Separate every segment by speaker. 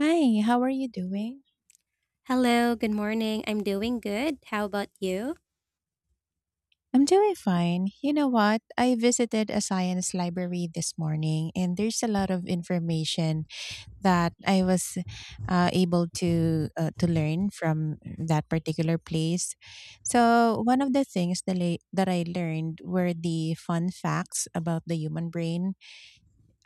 Speaker 1: Hi, how are you doing?
Speaker 2: Hello, good morning. I'm doing good. How about you?
Speaker 1: I'm doing fine. You know what? I visited a science library this morning, and there's a lot of information that I was able to to learn from that particular place. So, one of the things that I learned were the fun facts about the human brain.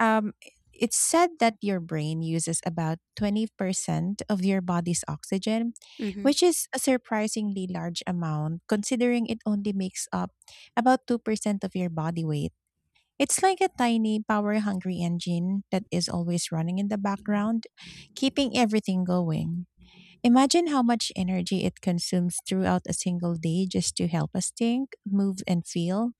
Speaker 1: Um, it's said that your brain uses about 20% of your body's oxygen,
Speaker 2: Hmm.
Speaker 1: which is a surprisingly large amount considering it only makes up about 2% of your body weight. It's like a tiny, power hungry engine that is always running in the background, keeping everything going. Imagine how much energy it consumes throughout a single day just to help us think, move, and feel.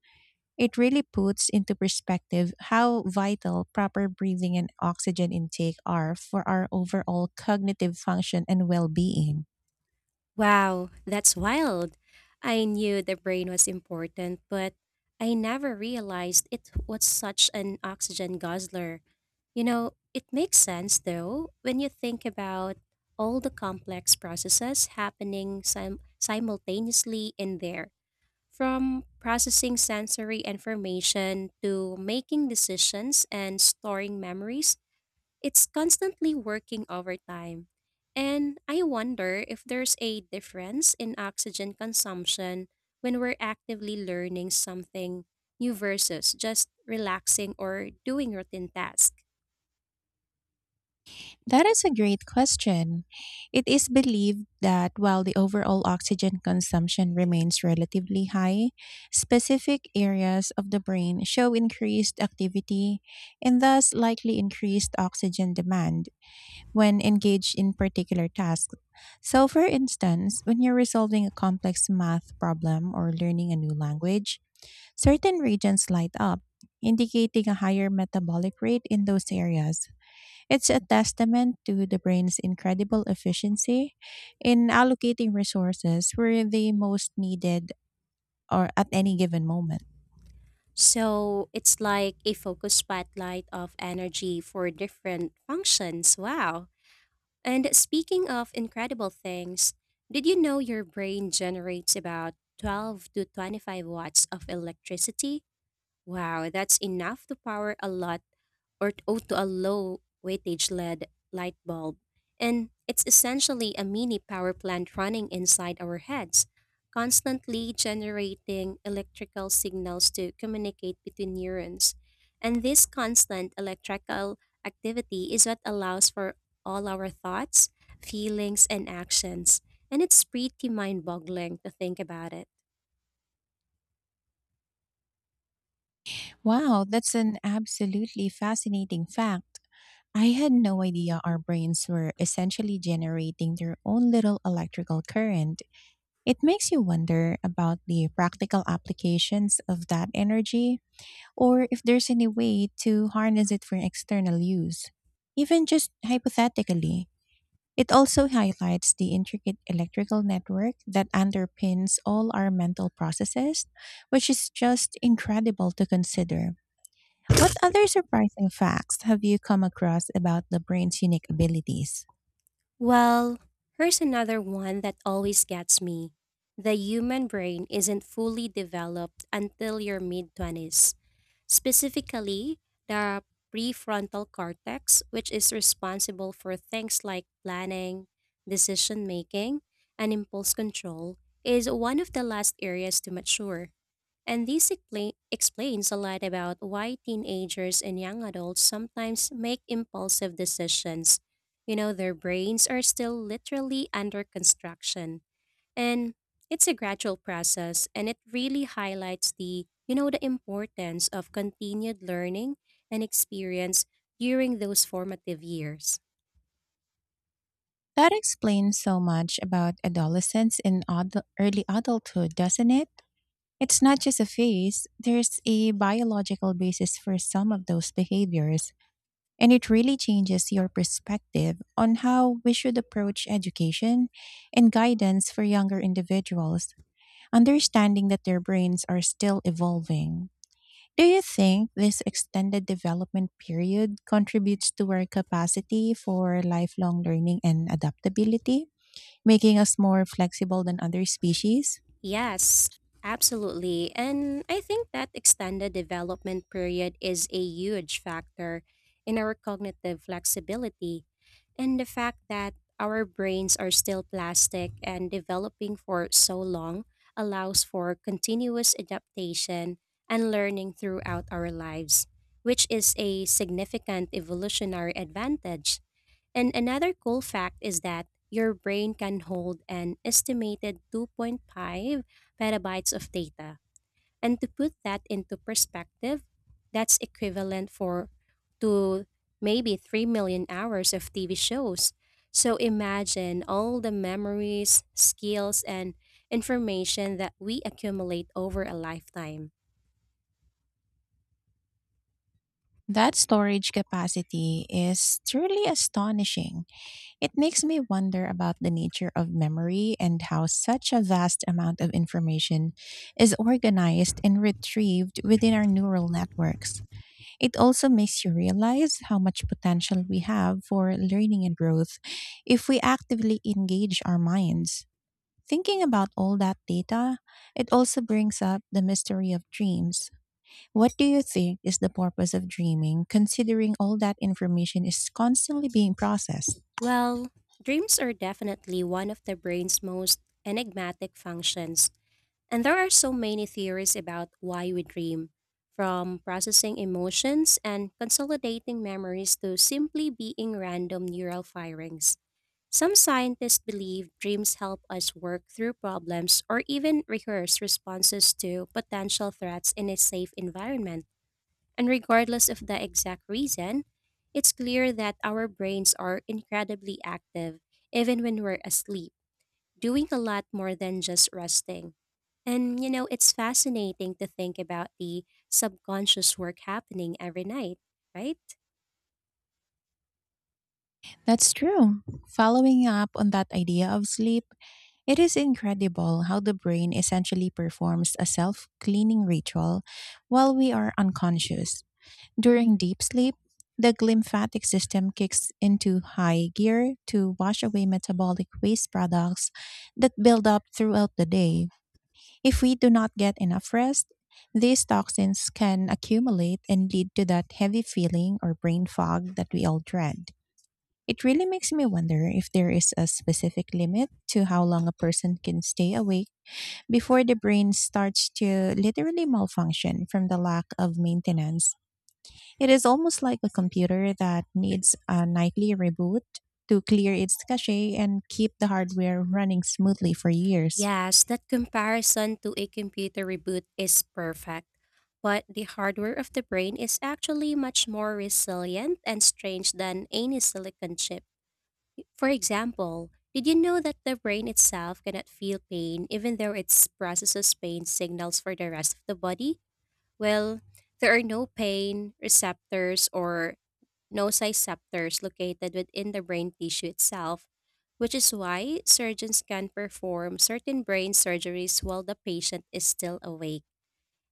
Speaker 1: It really puts into perspective how vital proper breathing and oxygen intake are for our overall cognitive function and well being.
Speaker 2: Wow, that's wild. I knew the brain was important, but I never realized it was such an oxygen guzzler. You know, it makes sense though when you think about all the complex processes happening simultaneously in there, from processing sensory information to making decisions and storing memories. It's constantly working overtime. And I wonder if there's a difference in oxygen consumption when we're actively learning something new versus just relaxing or doing routine tasks.
Speaker 1: That is a great question. It is believed that while the overall oxygen consumption remains relatively high, specific areas of the brain show increased activity and thus likely increased oxygen demand when engaged in particular tasks. So, for instance, when you're resolving a complex math problem or learning a new language, certain regions light up, indicating a higher metabolic rate in those areas. It's a testament to the brain's incredible efficiency in allocating resources where they most needed or at any given moment.
Speaker 2: So it's like a focused spotlight of energy for different functions. Wow. And speaking of incredible things, did you know your brain generates about 12 to 25 watts of electricity? Wow, that's enough to power a lot to a low weightage LED light bulb. And it's essentially a mini power plant running inside our heads, constantly generating electrical signals to communicate between neurons. And this constant electrical activity is what allows for all our thoughts, feelings, and actions. And it's pretty mind boggling to think about it.
Speaker 1: Wow, that's an absolutely fascinating fact. I had no idea our brains were essentially generating their own little electrical current. It makes you wonder about the practical applications of that energy, or if there's any way to harness it for external use. Even just hypothetically, it also highlights the intricate electrical network that underpins all our mental processes, which is just incredible to consider. What other surprising facts have you come across about the brain's unique abilities?
Speaker 2: Well, here's another one that always gets me. The human brain isn't fully developed until your mid 20s. Specifically, the prefrontal cortex, which is responsible for things like planning, decision making, and impulse control, is one of the last areas to mature. And this explains a lot about why teenagers and young adults sometimes make impulsive decisions. You know, their brains are still literally under construction. And it's a gradual process, and it really highlights the, you know, the importance of continued learning and experience during those formative years.
Speaker 1: That explains so much about adolescence and early adulthood, doesn't it? It's not just a phase. There's a biological basis for some of those behaviors, and it really changes your perspective on how we should approach education and guidance for younger individuals, understanding that their brains are still evolving. Do you think this extended development period contributes to our capacity for lifelong learning and adaptability, making us more flexible than other species?
Speaker 2: Yes, absolutely. And I think that extended development period is a huge factor in our cognitive flexibility, and the fact that our brains are still plastic and developing for so long allows for continuous adaptation and learning throughout our lives, which is a significant evolutionary advantage. And another cool fact is that your brain can hold an estimated 2.5 petabytes of data. And to put that into perspective, that's equivalent for to maybe 3 million hours of TV shows. So imagine all the memories, skills and information that we accumulate over a lifetime.
Speaker 1: That storage capacity is truly astonishing. It makes me wonder about the nature of memory, and how such a vast amount of information is organized and retrieved within our neural networks. It also makes you realize how much potential we have for learning and growth if we actively engage our minds. Thinking about all that data, it also brings up the mystery of dreams. What do you think is the purpose of dreaming, considering all that information is constantly being processed?
Speaker 2: Well, dreams are definitely one of the brain's most enigmatic functions. And there are so many theories about why we dream, from processing emotions and consolidating memories to simply being random neural firings. Some scientists believe dreams help us work through problems or even rehearse responses to potential threats in a safe environment. And regardless of the exact reason, it's clear that our brains are incredibly active even when we're asleep, doing a lot more than just resting. And you know, it's fascinating to think about the subconscious work happening every night, right?
Speaker 1: That's true. Following up on that idea of sleep, it is incredible how the brain essentially performs a self cleaning ritual while we are unconscious. During deep sleep, the glymphatic system kicks into high gear to wash away metabolic waste products that build up throughout the day. If we do not get enough rest, these toxins can accumulate and lead to that heavy feeling or brain fog that we all dread. It really makes me wonder if there is a specific limit to how long a person can stay awake before the brain starts to literally malfunction from the lack of maintenance. It is almost like a computer that needs a nightly reboot to clear its cache and keep the hardware running smoothly for years.
Speaker 2: Yes, that comparison to a computer reboot is perfect. But the hardware of the brain is actually much more resilient and strange than any silicon chip. For example, did you know that the brain itself cannot feel pain even though it processes pain signals for the rest of the body? Well, there are no pain receptors or nociceptors located within the brain tissue itself, which is why surgeons can perform certain brain surgeries while the patient is still awake.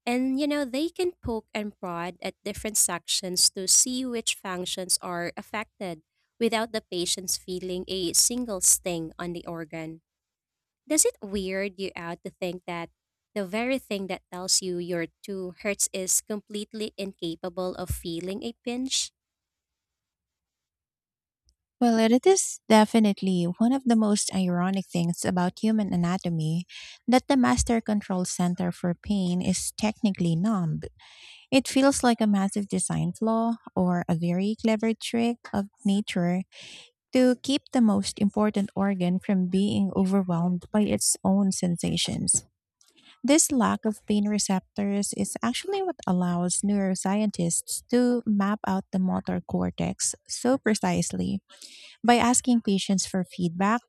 Speaker 2: And you know, they can poke and prod at different sections to see which functions are affected without the patient's feeling a single sting on the organ. Does it weird you out to think that the very thing that tells you you're too hurts is completely incapable of feeling a pinch?
Speaker 1: Well, it is definitely one of the most ironic things about human anatomy that the master control center for pain is technically numb. It feels like a massive design flaw, or a very clever trick of nature to keep the most important organ from being overwhelmed by its own sensations. This lack of pain receptors is actually what allows neuroscientists to map out the motor cortex so precisely by asking patients for feedback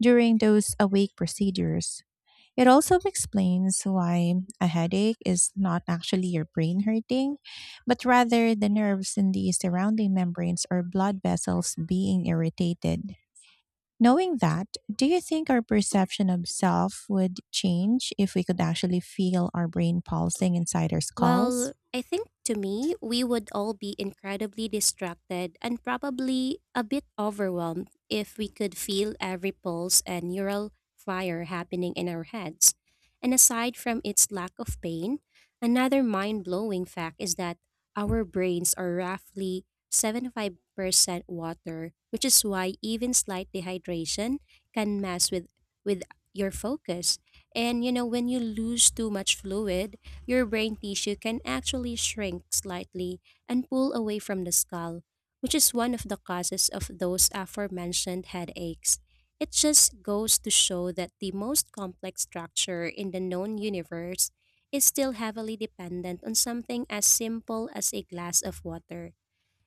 Speaker 1: during those awake procedures. It also explains why a headache is not actually your brain hurting, but rather the nerves in the surrounding membranes or blood vessels being irritated. Knowing that, do you think our perception of self would change if we could actually feel our brain pulsing inside our skulls?
Speaker 2: Well, I think to me, we would all be incredibly distracted and probably a bit overwhelmed if we could feel every pulse and neural fire happening in our heads. And aside from its lack of pain, another mind blowing fact is that our brains are roughly 75% water, which is why even slight dehydration can mess with your focus. And you know, when you lose too much fluid, your brain tissue can actually shrink slightly and pull away from the skull, which is one of the causes of those aforementioned headaches. It just goes to show that the most complex structure in the known universe is still heavily dependent on something as simple as a glass of water.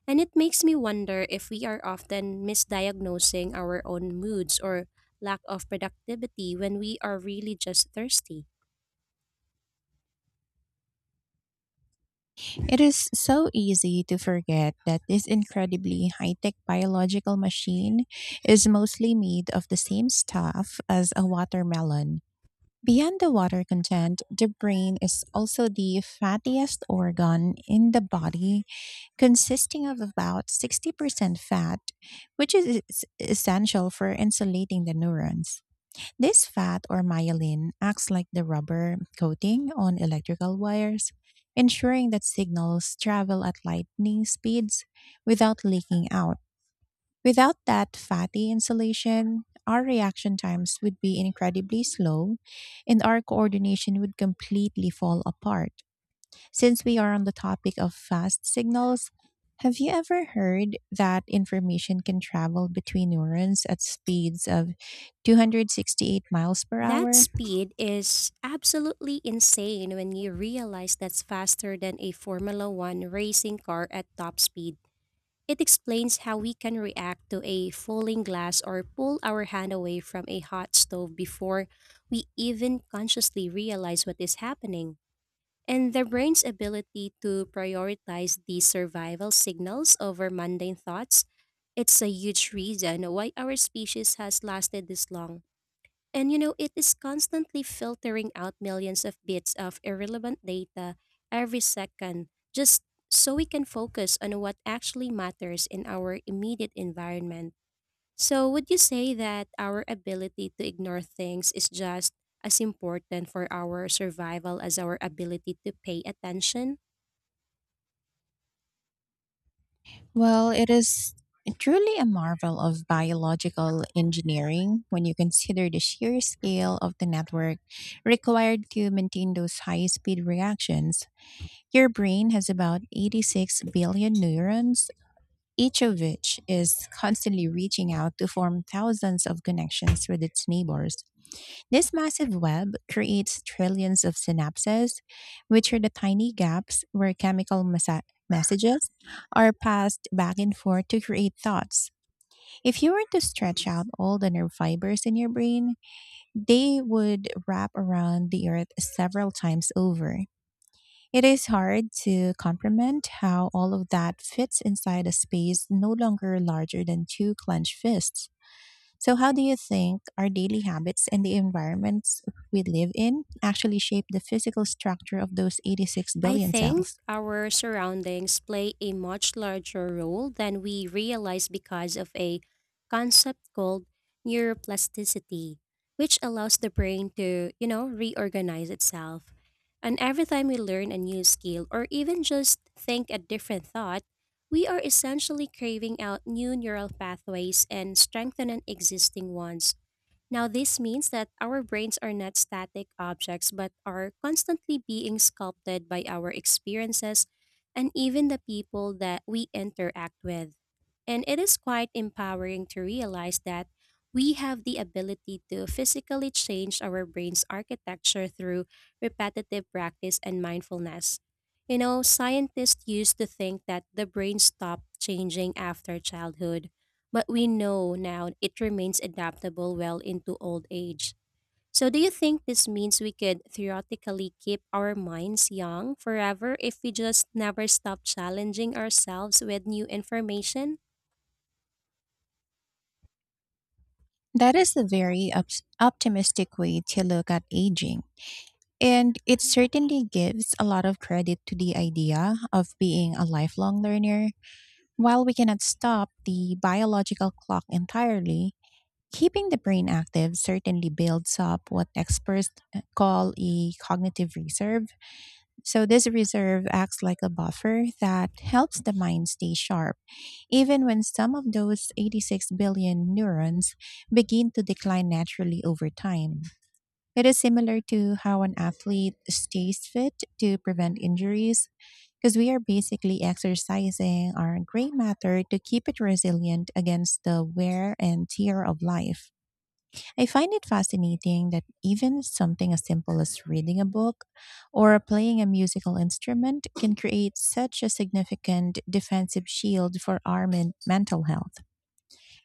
Speaker 2: And it makes me wonder if we are often misdiagnosing our own moods or lack of productivity when we are really just thirsty.
Speaker 1: It is so easy to forget that this incredibly high tech biological machine is mostly made of the same stuff as a watermelon. Beyond the water content, the brain is also the fattiest organ in the body, consisting of about 60% fat, which is essential for insulating the neurons. This fat, or myelin, acts like the rubber coating on electrical wires, ensuring that signals travel at lightning speeds without leaking out. Without that fatty insulation, our reaction times would be incredibly slow, and our coordination would completely fall apart. Since we are on the topic of fast signals, have you ever heard that information can travel between neurons at speeds of 268 miles per
Speaker 2: That
Speaker 1: hour?
Speaker 2: speed is absolutely insane when you realize that's faster than a Formula One racing car at top speed. It explains how we can react to a falling glass or pull our hand away from a hot stove before we even consciously realize what is happening. And the brain's ability to prioritize these survival signals over mundane thoughts, it's a huge reason why our species has lasted this long. And you know, it is constantly filtering out millions of bits of irrelevant data every second just so we can focus on what actually matters in our immediate environment. So, would you say that our ability to ignore things is just as important for our survival as our ability to pay attention?
Speaker 1: Well, it is truly a marvel of biological engineering when you consider the sheer scale of the network required to maintain those high speed reactions. Your brain has about 86 billion neurons, each of which is constantly reaching out to form thousands of connections with its neighbors. This massive web creates trillions of synapses, which are the tiny gaps where chemical messages are passed back and forth to create thoughts. If you were to stretch out all the nerve fibers in your brain, they would wrap around the earth several times over. It is hard to comprehend how all of that fits inside a space no longer larger than two clenched fists. So, how do you think our daily habits and the environments we live in actually shape the physical structure of those 86
Speaker 2: I
Speaker 1: billion
Speaker 2: think
Speaker 1: cells?
Speaker 2: our surroundings play a much larger role than we realize because of a concept called neuroplasticity, which allows the brain to, you know, reorganize itself. And every time we learn a new skill or even just think a different thought, we are essentially craving out new neural pathways and strengthening existing ones. Now, this means that our brains are not static objects but are constantly being sculpted by our experiences and even the people that we interact with. And it is quite empowering to realize that we have the ability to physically change our brain's architecture through repetitive practice and mindfulness. You know, scientists used to think that the brain stopped changing after childhood, but we know now it remains adaptable well into old age. So, do you think this means we could theoretically keep our minds young forever if we just never stop challenging ourselves with new information?
Speaker 1: That is a very ups optimistic way to look at aging. And it certainly gives a lot of credit to the idea of being a lifelong learner. While we cannot stop the biological clock entirely, keeping the brain active certainly builds up what experts call a cognitive reserve. So, this reserve acts like a buffer that helps the mind stay sharp, even when some of those 86 billion neurons begin to decline naturally over time. It is similar to how an athlete stays fit to prevent injuries, because we are basically exercising our gray matter to keep it resilient against the wear and tear of life. I find it fascinating that even something as simple as reading a book or playing a musical instrument can create such a significant defensive shield for our mental health.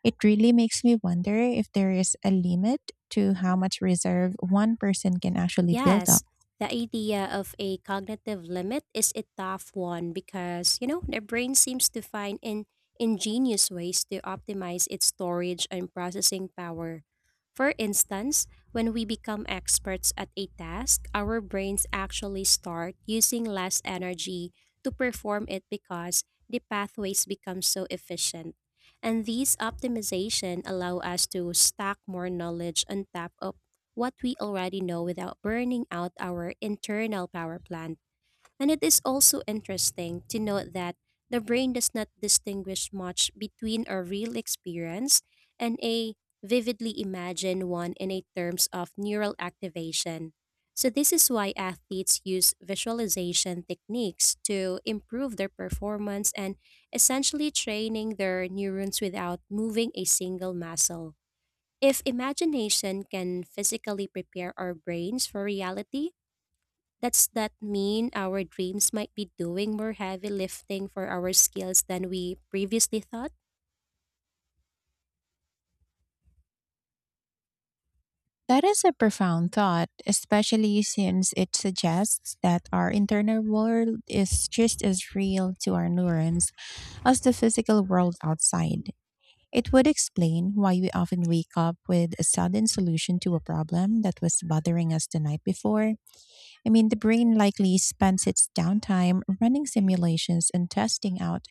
Speaker 1: It really makes me wonder if there is a limit to how much reserve one person can actually build up.
Speaker 2: Yes, the idea of a cognitive limit is a tough one because, you know, the brain seems to find in ingenious ways to optimize its storage and processing power. For instance, when we become experts at a task, our brains actually start using less energy to perform it because the pathways become so efficient. And these optimization allow us to stack more knowledge on top of what we already know without burning out our internal power plant. And it is also interesting to note that the brain does not distinguish much between a real experience and a vividly imagined one in a terms of neural activation. So this is why athletes use visualization techniques to improve their performance and essentially training their neurons without moving a single muscle. If imagination can physically prepare our brains for reality, does that mean our dreams might be doing more heavy lifting for our skills than we previously thought?
Speaker 1: That is a profound thought, especially since it suggests that our internal world is just as real to our neurons as the physical world outside. It would explain why we often wake up with a sudden solution to a problem that was bothering us the night before. I mean, the brain likely spends its downtime running simulations and testing out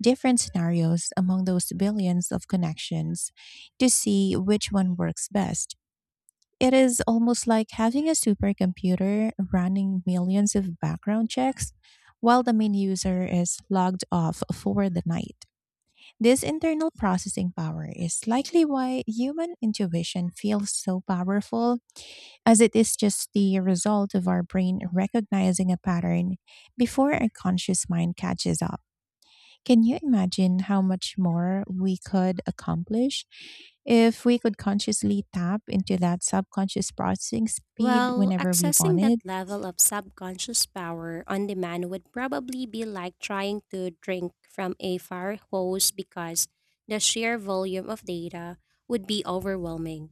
Speaker 1: different scenarios among those billions of connections to see which one works best. It is almost like having a supercomputer running millions of background checks while the main user is logged off for the night. This internal processing power is likely why human intuition feels so powerful, as it is just the result of our brain recognizing a pattern before our conscious mind catches up. Can you imagine how much more we could accomplish if we could consciously tap into that subconscious processing speed
Speaker 2: Well,
Speaker 1: whenever we
Speaker 2: accessing that
Speaker 1: wanted?
Speaker 2: level of subconscious power on demand would probably be like trying to drink from a fire hose because the sheer volume of data would be overwhelming.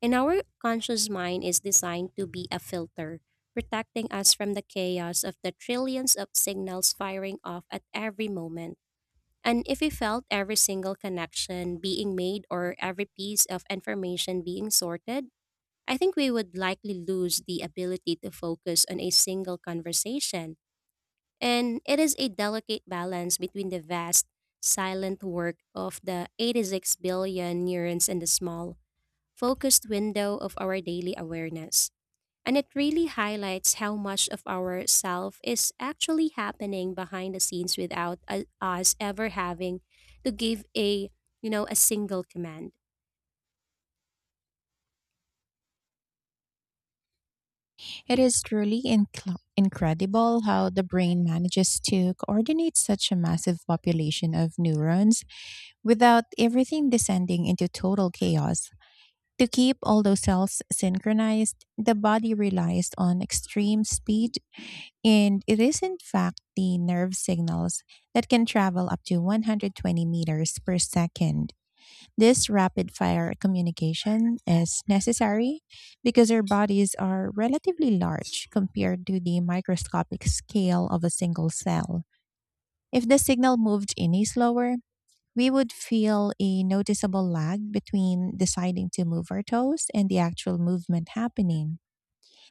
Speaker 2: And our conscious mind is designed to be a filter, protecting us from the chaos of the trillions of signals firing off at every moment. And if we felt every single connection being made or every piece of information being sorted, I think we would likely lose the ability to focus on a single conversation. And it is a delicate balance between the vast, silent work of the 86 billion neurons and the small, focused window of our daily awareness. And it really highlights how much of our self is actually happening behind the scenes without us ever having to give a, you know, a single command.
Speaker 1: It is truly incredible how the brain manages to coordinate such a massive population of neurons without everything descending into total chaos. To keep all those cells synchronized, the body relies on extreme speed, and it is in fact the nerve signals that can travel up to 120 meters per second. This rapid fire communication is necessary because our bodies are relatively large compared to the microscopic scale of a single cell. If the signal moved any slower, we would feel a noticeable lag between deciding to move our toes and the actual movement happening.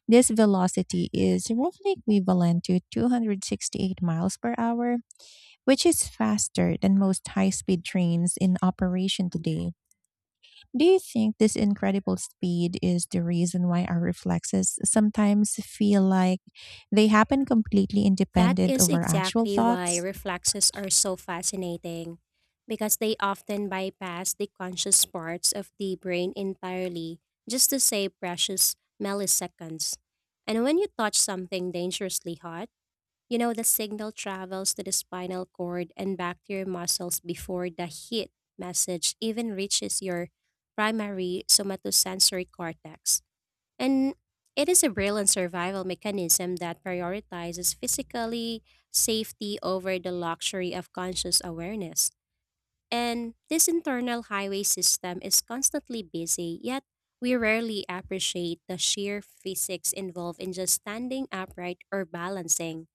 Speaker 1: This velocity is roughly equivalent to 268 miles per hour, which is faster than most high speed trains in operation today. Do you think this incredible speed is the reason why our reflexes sometimes feel like they happen completely
Speaker 2: That
Speaker 1: independent
Speaker 2: is
Speaker 1: of our actual
Speaker 2: exactly why
Speaker 1: thoughts?
Speaker 2: reflexes are so fascinating, because they often bypass the conscious parts of the brain entirely just to save precious milliseconds. And when you touch something dangerously hot, you know the signal travels to the spinal cord and back to your muscles before the heat message even reaches your primary somatosensory cortex. And it is a brilliant survival mechanism that prioritizes physically safety over the luxury of conscious awareness. And this internal highway system is constantly busy, yet we rarely appreciate the sheer physics involved in just standing upright or balancing.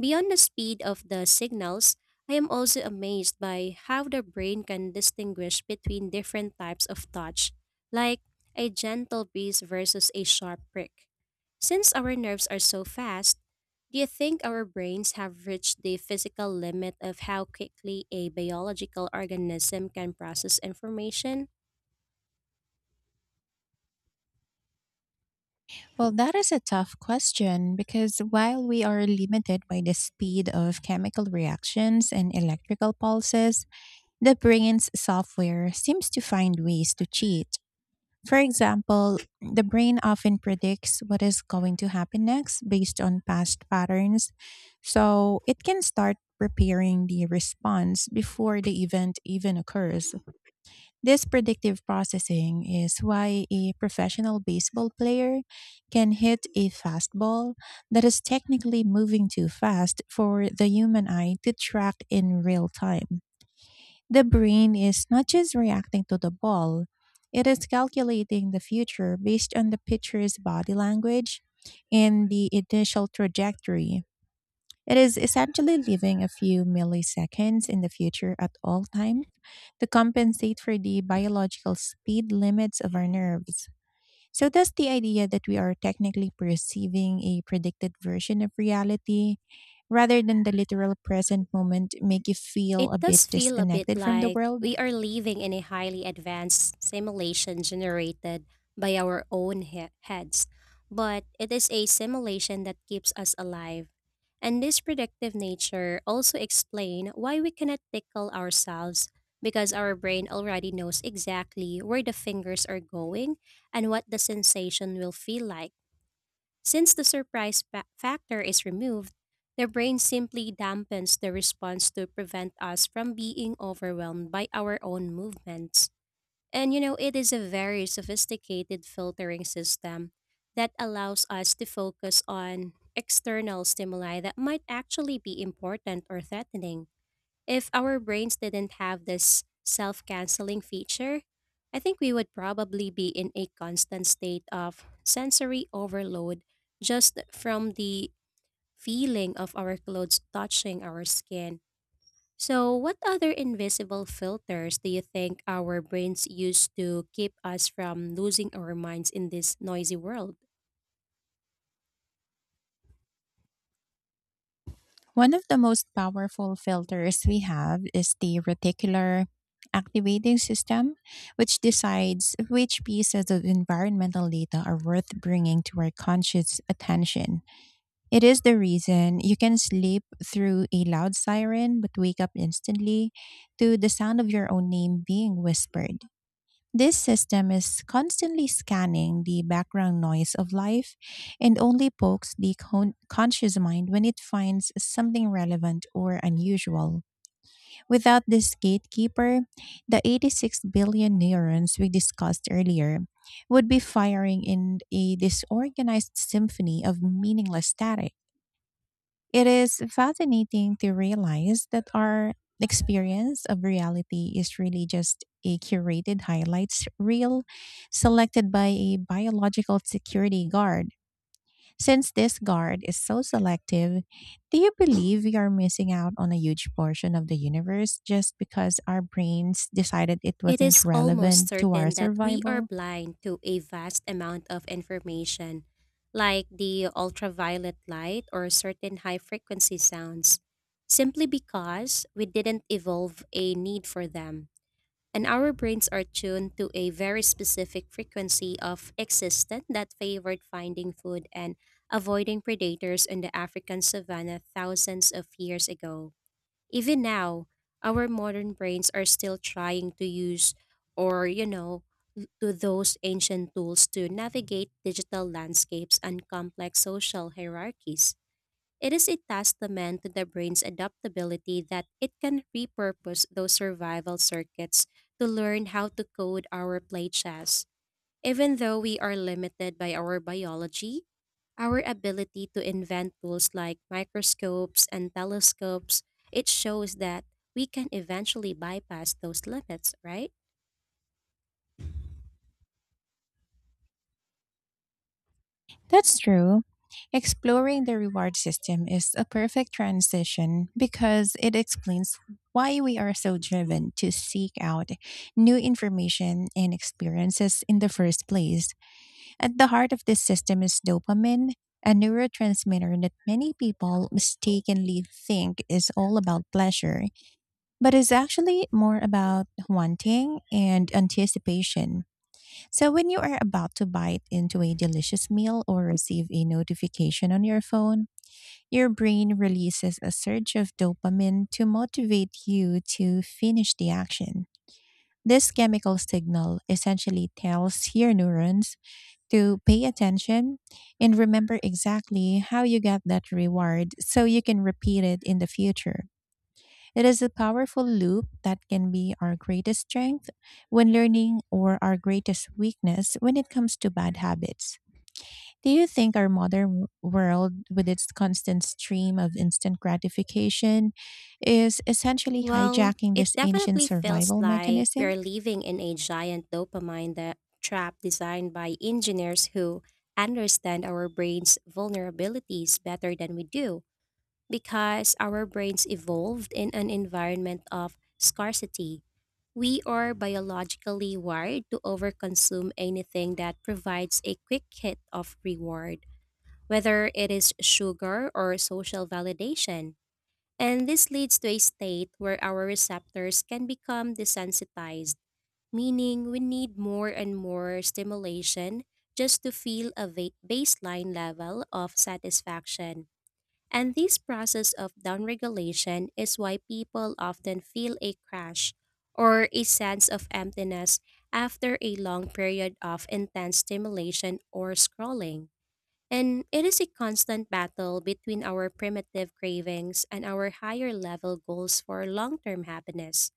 Speaker 2: Beyond the speed of the signals, I am also amazed by how the brain can distinguish between different types of touch, like a gentle breeze versus a sharp prick. Since our nerves are so fast, do you think our brains have reached the physical limit of how quickly a biological organism can process information?
Speaker 1: Well, that is a tough question, because while we are limited by the speed of chemical reactions and electrical pulses, the brain's software seems to find ways to cheat. For example, the brain often predicts what is going to happen next based on past patterns, so it can start preparing the response before the event even occurs. This predictive processing is why a professional baseball player can hit a fastball that is technically moving too fast for the human eye to track in real time. The brain is not just reacting to the ball, it is calculating the future based on the pitcher's body language and the initial trajectory. It is essentially living a few milliseconds in the future at all times to compensate for the biological speed limits of our nerves. So, thus, the idea that we are technically perceiving a predicted version of reality rather than the literal present moment make you feel
Speaker 2: It
Speaker 1: a bit
Speaker 2: does feel a bit
Speaker 1: disconnected from the
Speaker 2: like
Speaker 1: world.
Speaker 2: we are living in a highly advanced simulation generated by our own heads, but it is a simulation that keeps us alive. And this predictive nature also explain why we cannot tickle ourselves because our brain already knows exactly where the fingers are going and what the sensation will feel like. Since the surprise factor is removed, the brain simply dampens the response to prevent us from being overwhelmed by our own movements. And it is a very sophisticated filtering system that allows us to focus on external stimuli that might actually be important or threatening. If our brains didn't have this self canceling feature, I think we would probably be in a constant state of sensory overload just from the feeling of our clothes touching our skin. So, what other invisible filters do you think our brains use to keep us from losing our minds in this noisy world?
Speaker 1: One of the most powerful filters we have is the reticular activating system, which decides which pieces of environmental data are worth bringing to our conscious attention. It is the reason you can sleep through a loud siren but wake up instantly to the sound of your own name being whispered. This system is constantly scanning the background noise of life and only pokes the conscious mind when it finds something relevant or unusual. Without this gatekeeper, the 86 billion neurons we discussed earlier would be firing in a disorganized symphony of meaningless static. It is fascinating to realize that our experience of reality is really just a curated highlights reel selected by a biological security guard. Since this guard is so selective, do you believe we are missing out on a huge portion of the universe just because our brains decided it
Speaker 2: It
Speaker 1: wasn't
Speaker 2: is almost
Speaker 1: relevant to our
Speaker 2: certain that we are
Speaker 1: survival?
Speaker 2: blind to a vast amount of information, like the ultraviolet light or certain high frequency sounds, simply because we didn't evolve a need for them. And our brains are tuned to a very specific frequency of existence that favored finding food and avoiding predators in the African savanna thousands of years ago. Even now, our modern brains are still trying to use or, you know, l- to those ancient tools to navigate digital landscapes and complex social hierarchies. It is a testament to the brain's adaptability that it can repurpose those survival circuits to learn how to code our play chess. Even though we are limited by our biology, our ability to invent tools like microscopes and telescopes, it shows that we can eventually bypass those limits, right?
Speaker 1: That's true. Exploring the reward system is a perfect transition because it explains why we are so driven to seek out new information and experiences in the first place. At the heart of this system is dopamine, a neurotransmitter that many people mistakenly think is all about pleasure, but is actually more about wanting and anticipation. So, when you are about to bite into a delicious meal or receive a notification on your phone, your brain releases a surge of dopamine to motivate you to finish the action. This chemical signal essentially tells your neurons to pay attention and remember exactly how you got that reward so you can repeat it in the future. It is a powerful loop that can be our greatest strength when learning or our greatest weakness when it comes to bad habits. Do you think our modern world, with its constant stream of instant gratification, is essentially
Speaker 2: Well,
Speaker 1: hijacking
Speaker 2: it
Speaker 1: this ancient
Speaker 2: definitely feels
Speaker 1: survival
Speaker 2: like we
Speaker 1: mechanism?
Speaker 2: are living in a giant dopamine that trap designed by engineers who understand our brain's vulnerabilities better than we do. Because our brains evolved in an environment of scarcity, we are biologically wired to overconsume anything that provides a quick hit of reward, whether it is sugar or social validation. And this leads to a state where our receptors can become desensitized, meaning we need more and more stimulation just to feel a baseline level of satisfaction. And this process of downregulation is why people often feel a crash or a sense of emptiness after a long period of intense stimulation or scrolling. And it is a constant battle between our primitive cravings and our higher level goals for long term happiness.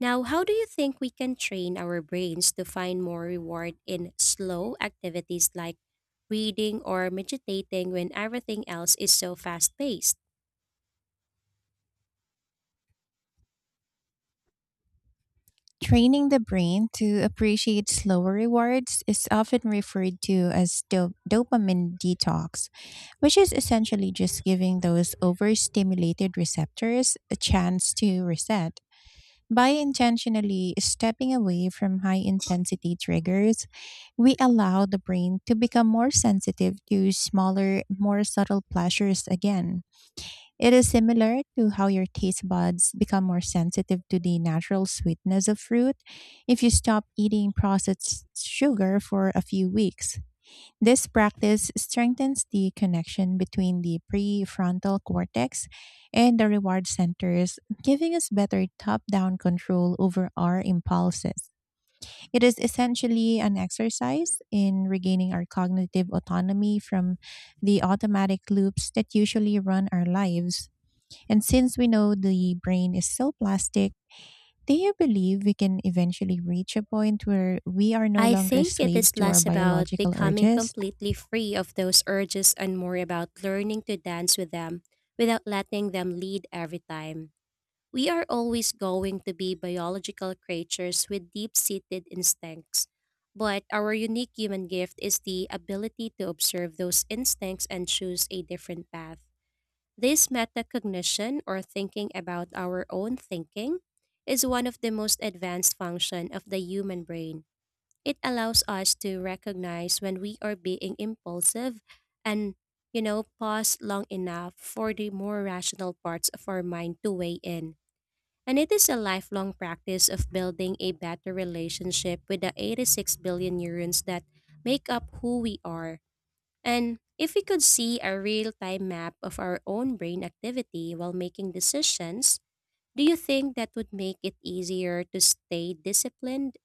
Speaker 2: Now, how do you think we can train our brains to find more reward in slow activities like reading or meditating when everything else is so fast paced?
Speaker 1: Training the brain to appreciate slower rewards is often referred to as dopamine detox, which is essentially just giving those overstimulated receptors a chance to reset. By intentionally stepping away from high intensity triggers, we allow the brain to become more sensitive to smaller, more subtle pleasures again. It is similar to how your taste buds become more sensitive to the natural sweetness of fruit if you stop eating processed sugar for a few weeks. This practice strengthens the connection between the prefrontal cortex and the reward centers, giving us better top down control over our impulses. It is essentially an exercise in regaining our cognitive autonomy from the automatic loops that usually run our lives. And since we know the brain is so plastic, do you believe we can eventually reach a point where we are no
Speaker 2: I
Speaker 1: longer
Speaker 2: think it
Speaker 1: slaves
Speaker 2: is
Speaker 1: to our
Speaker 2: less about
Speaker 1: biological
Speaker 2: becoming
Speaker 1: urges?
Speaker 2: completely free of those urges and more about learning to dance with them without letting them lead every time. We are always going to be biological creatures with deep seated instincts, but our unique human gift is the ability to observe those instincts and choose a different path. This metacognition, or thinking about our own thinking, is one of the most advanced functions of the human brain. It allows us to recognize when we are being impulsive and pause long enough for the more rational parts of our mind to weigh in. And it is a lifelong practice of building a better relationship with the 86 billion neurons that make up who we are. And if we could see a real time map of our own brain activity while making decisions, do you think that would make it easier to stay disciplined?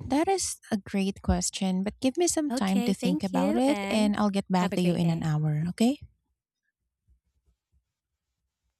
Speaker 1: That is a great question, but give me some time to
Speaker 2: Okay,
Speaker 1: think
Speaker 2: thank
Speaker 1: about
Speaker 2: you
Speaker 1: it
Speaker 2: and
Speaker 1: and I'll get
Speaker 2: have
Speaker 1: back
Speaker 2: a
Speaker 1: to you
Speaker 2: great
Speaker 1: in an
Speaker 2: day.
Speaker 1: hour, okay?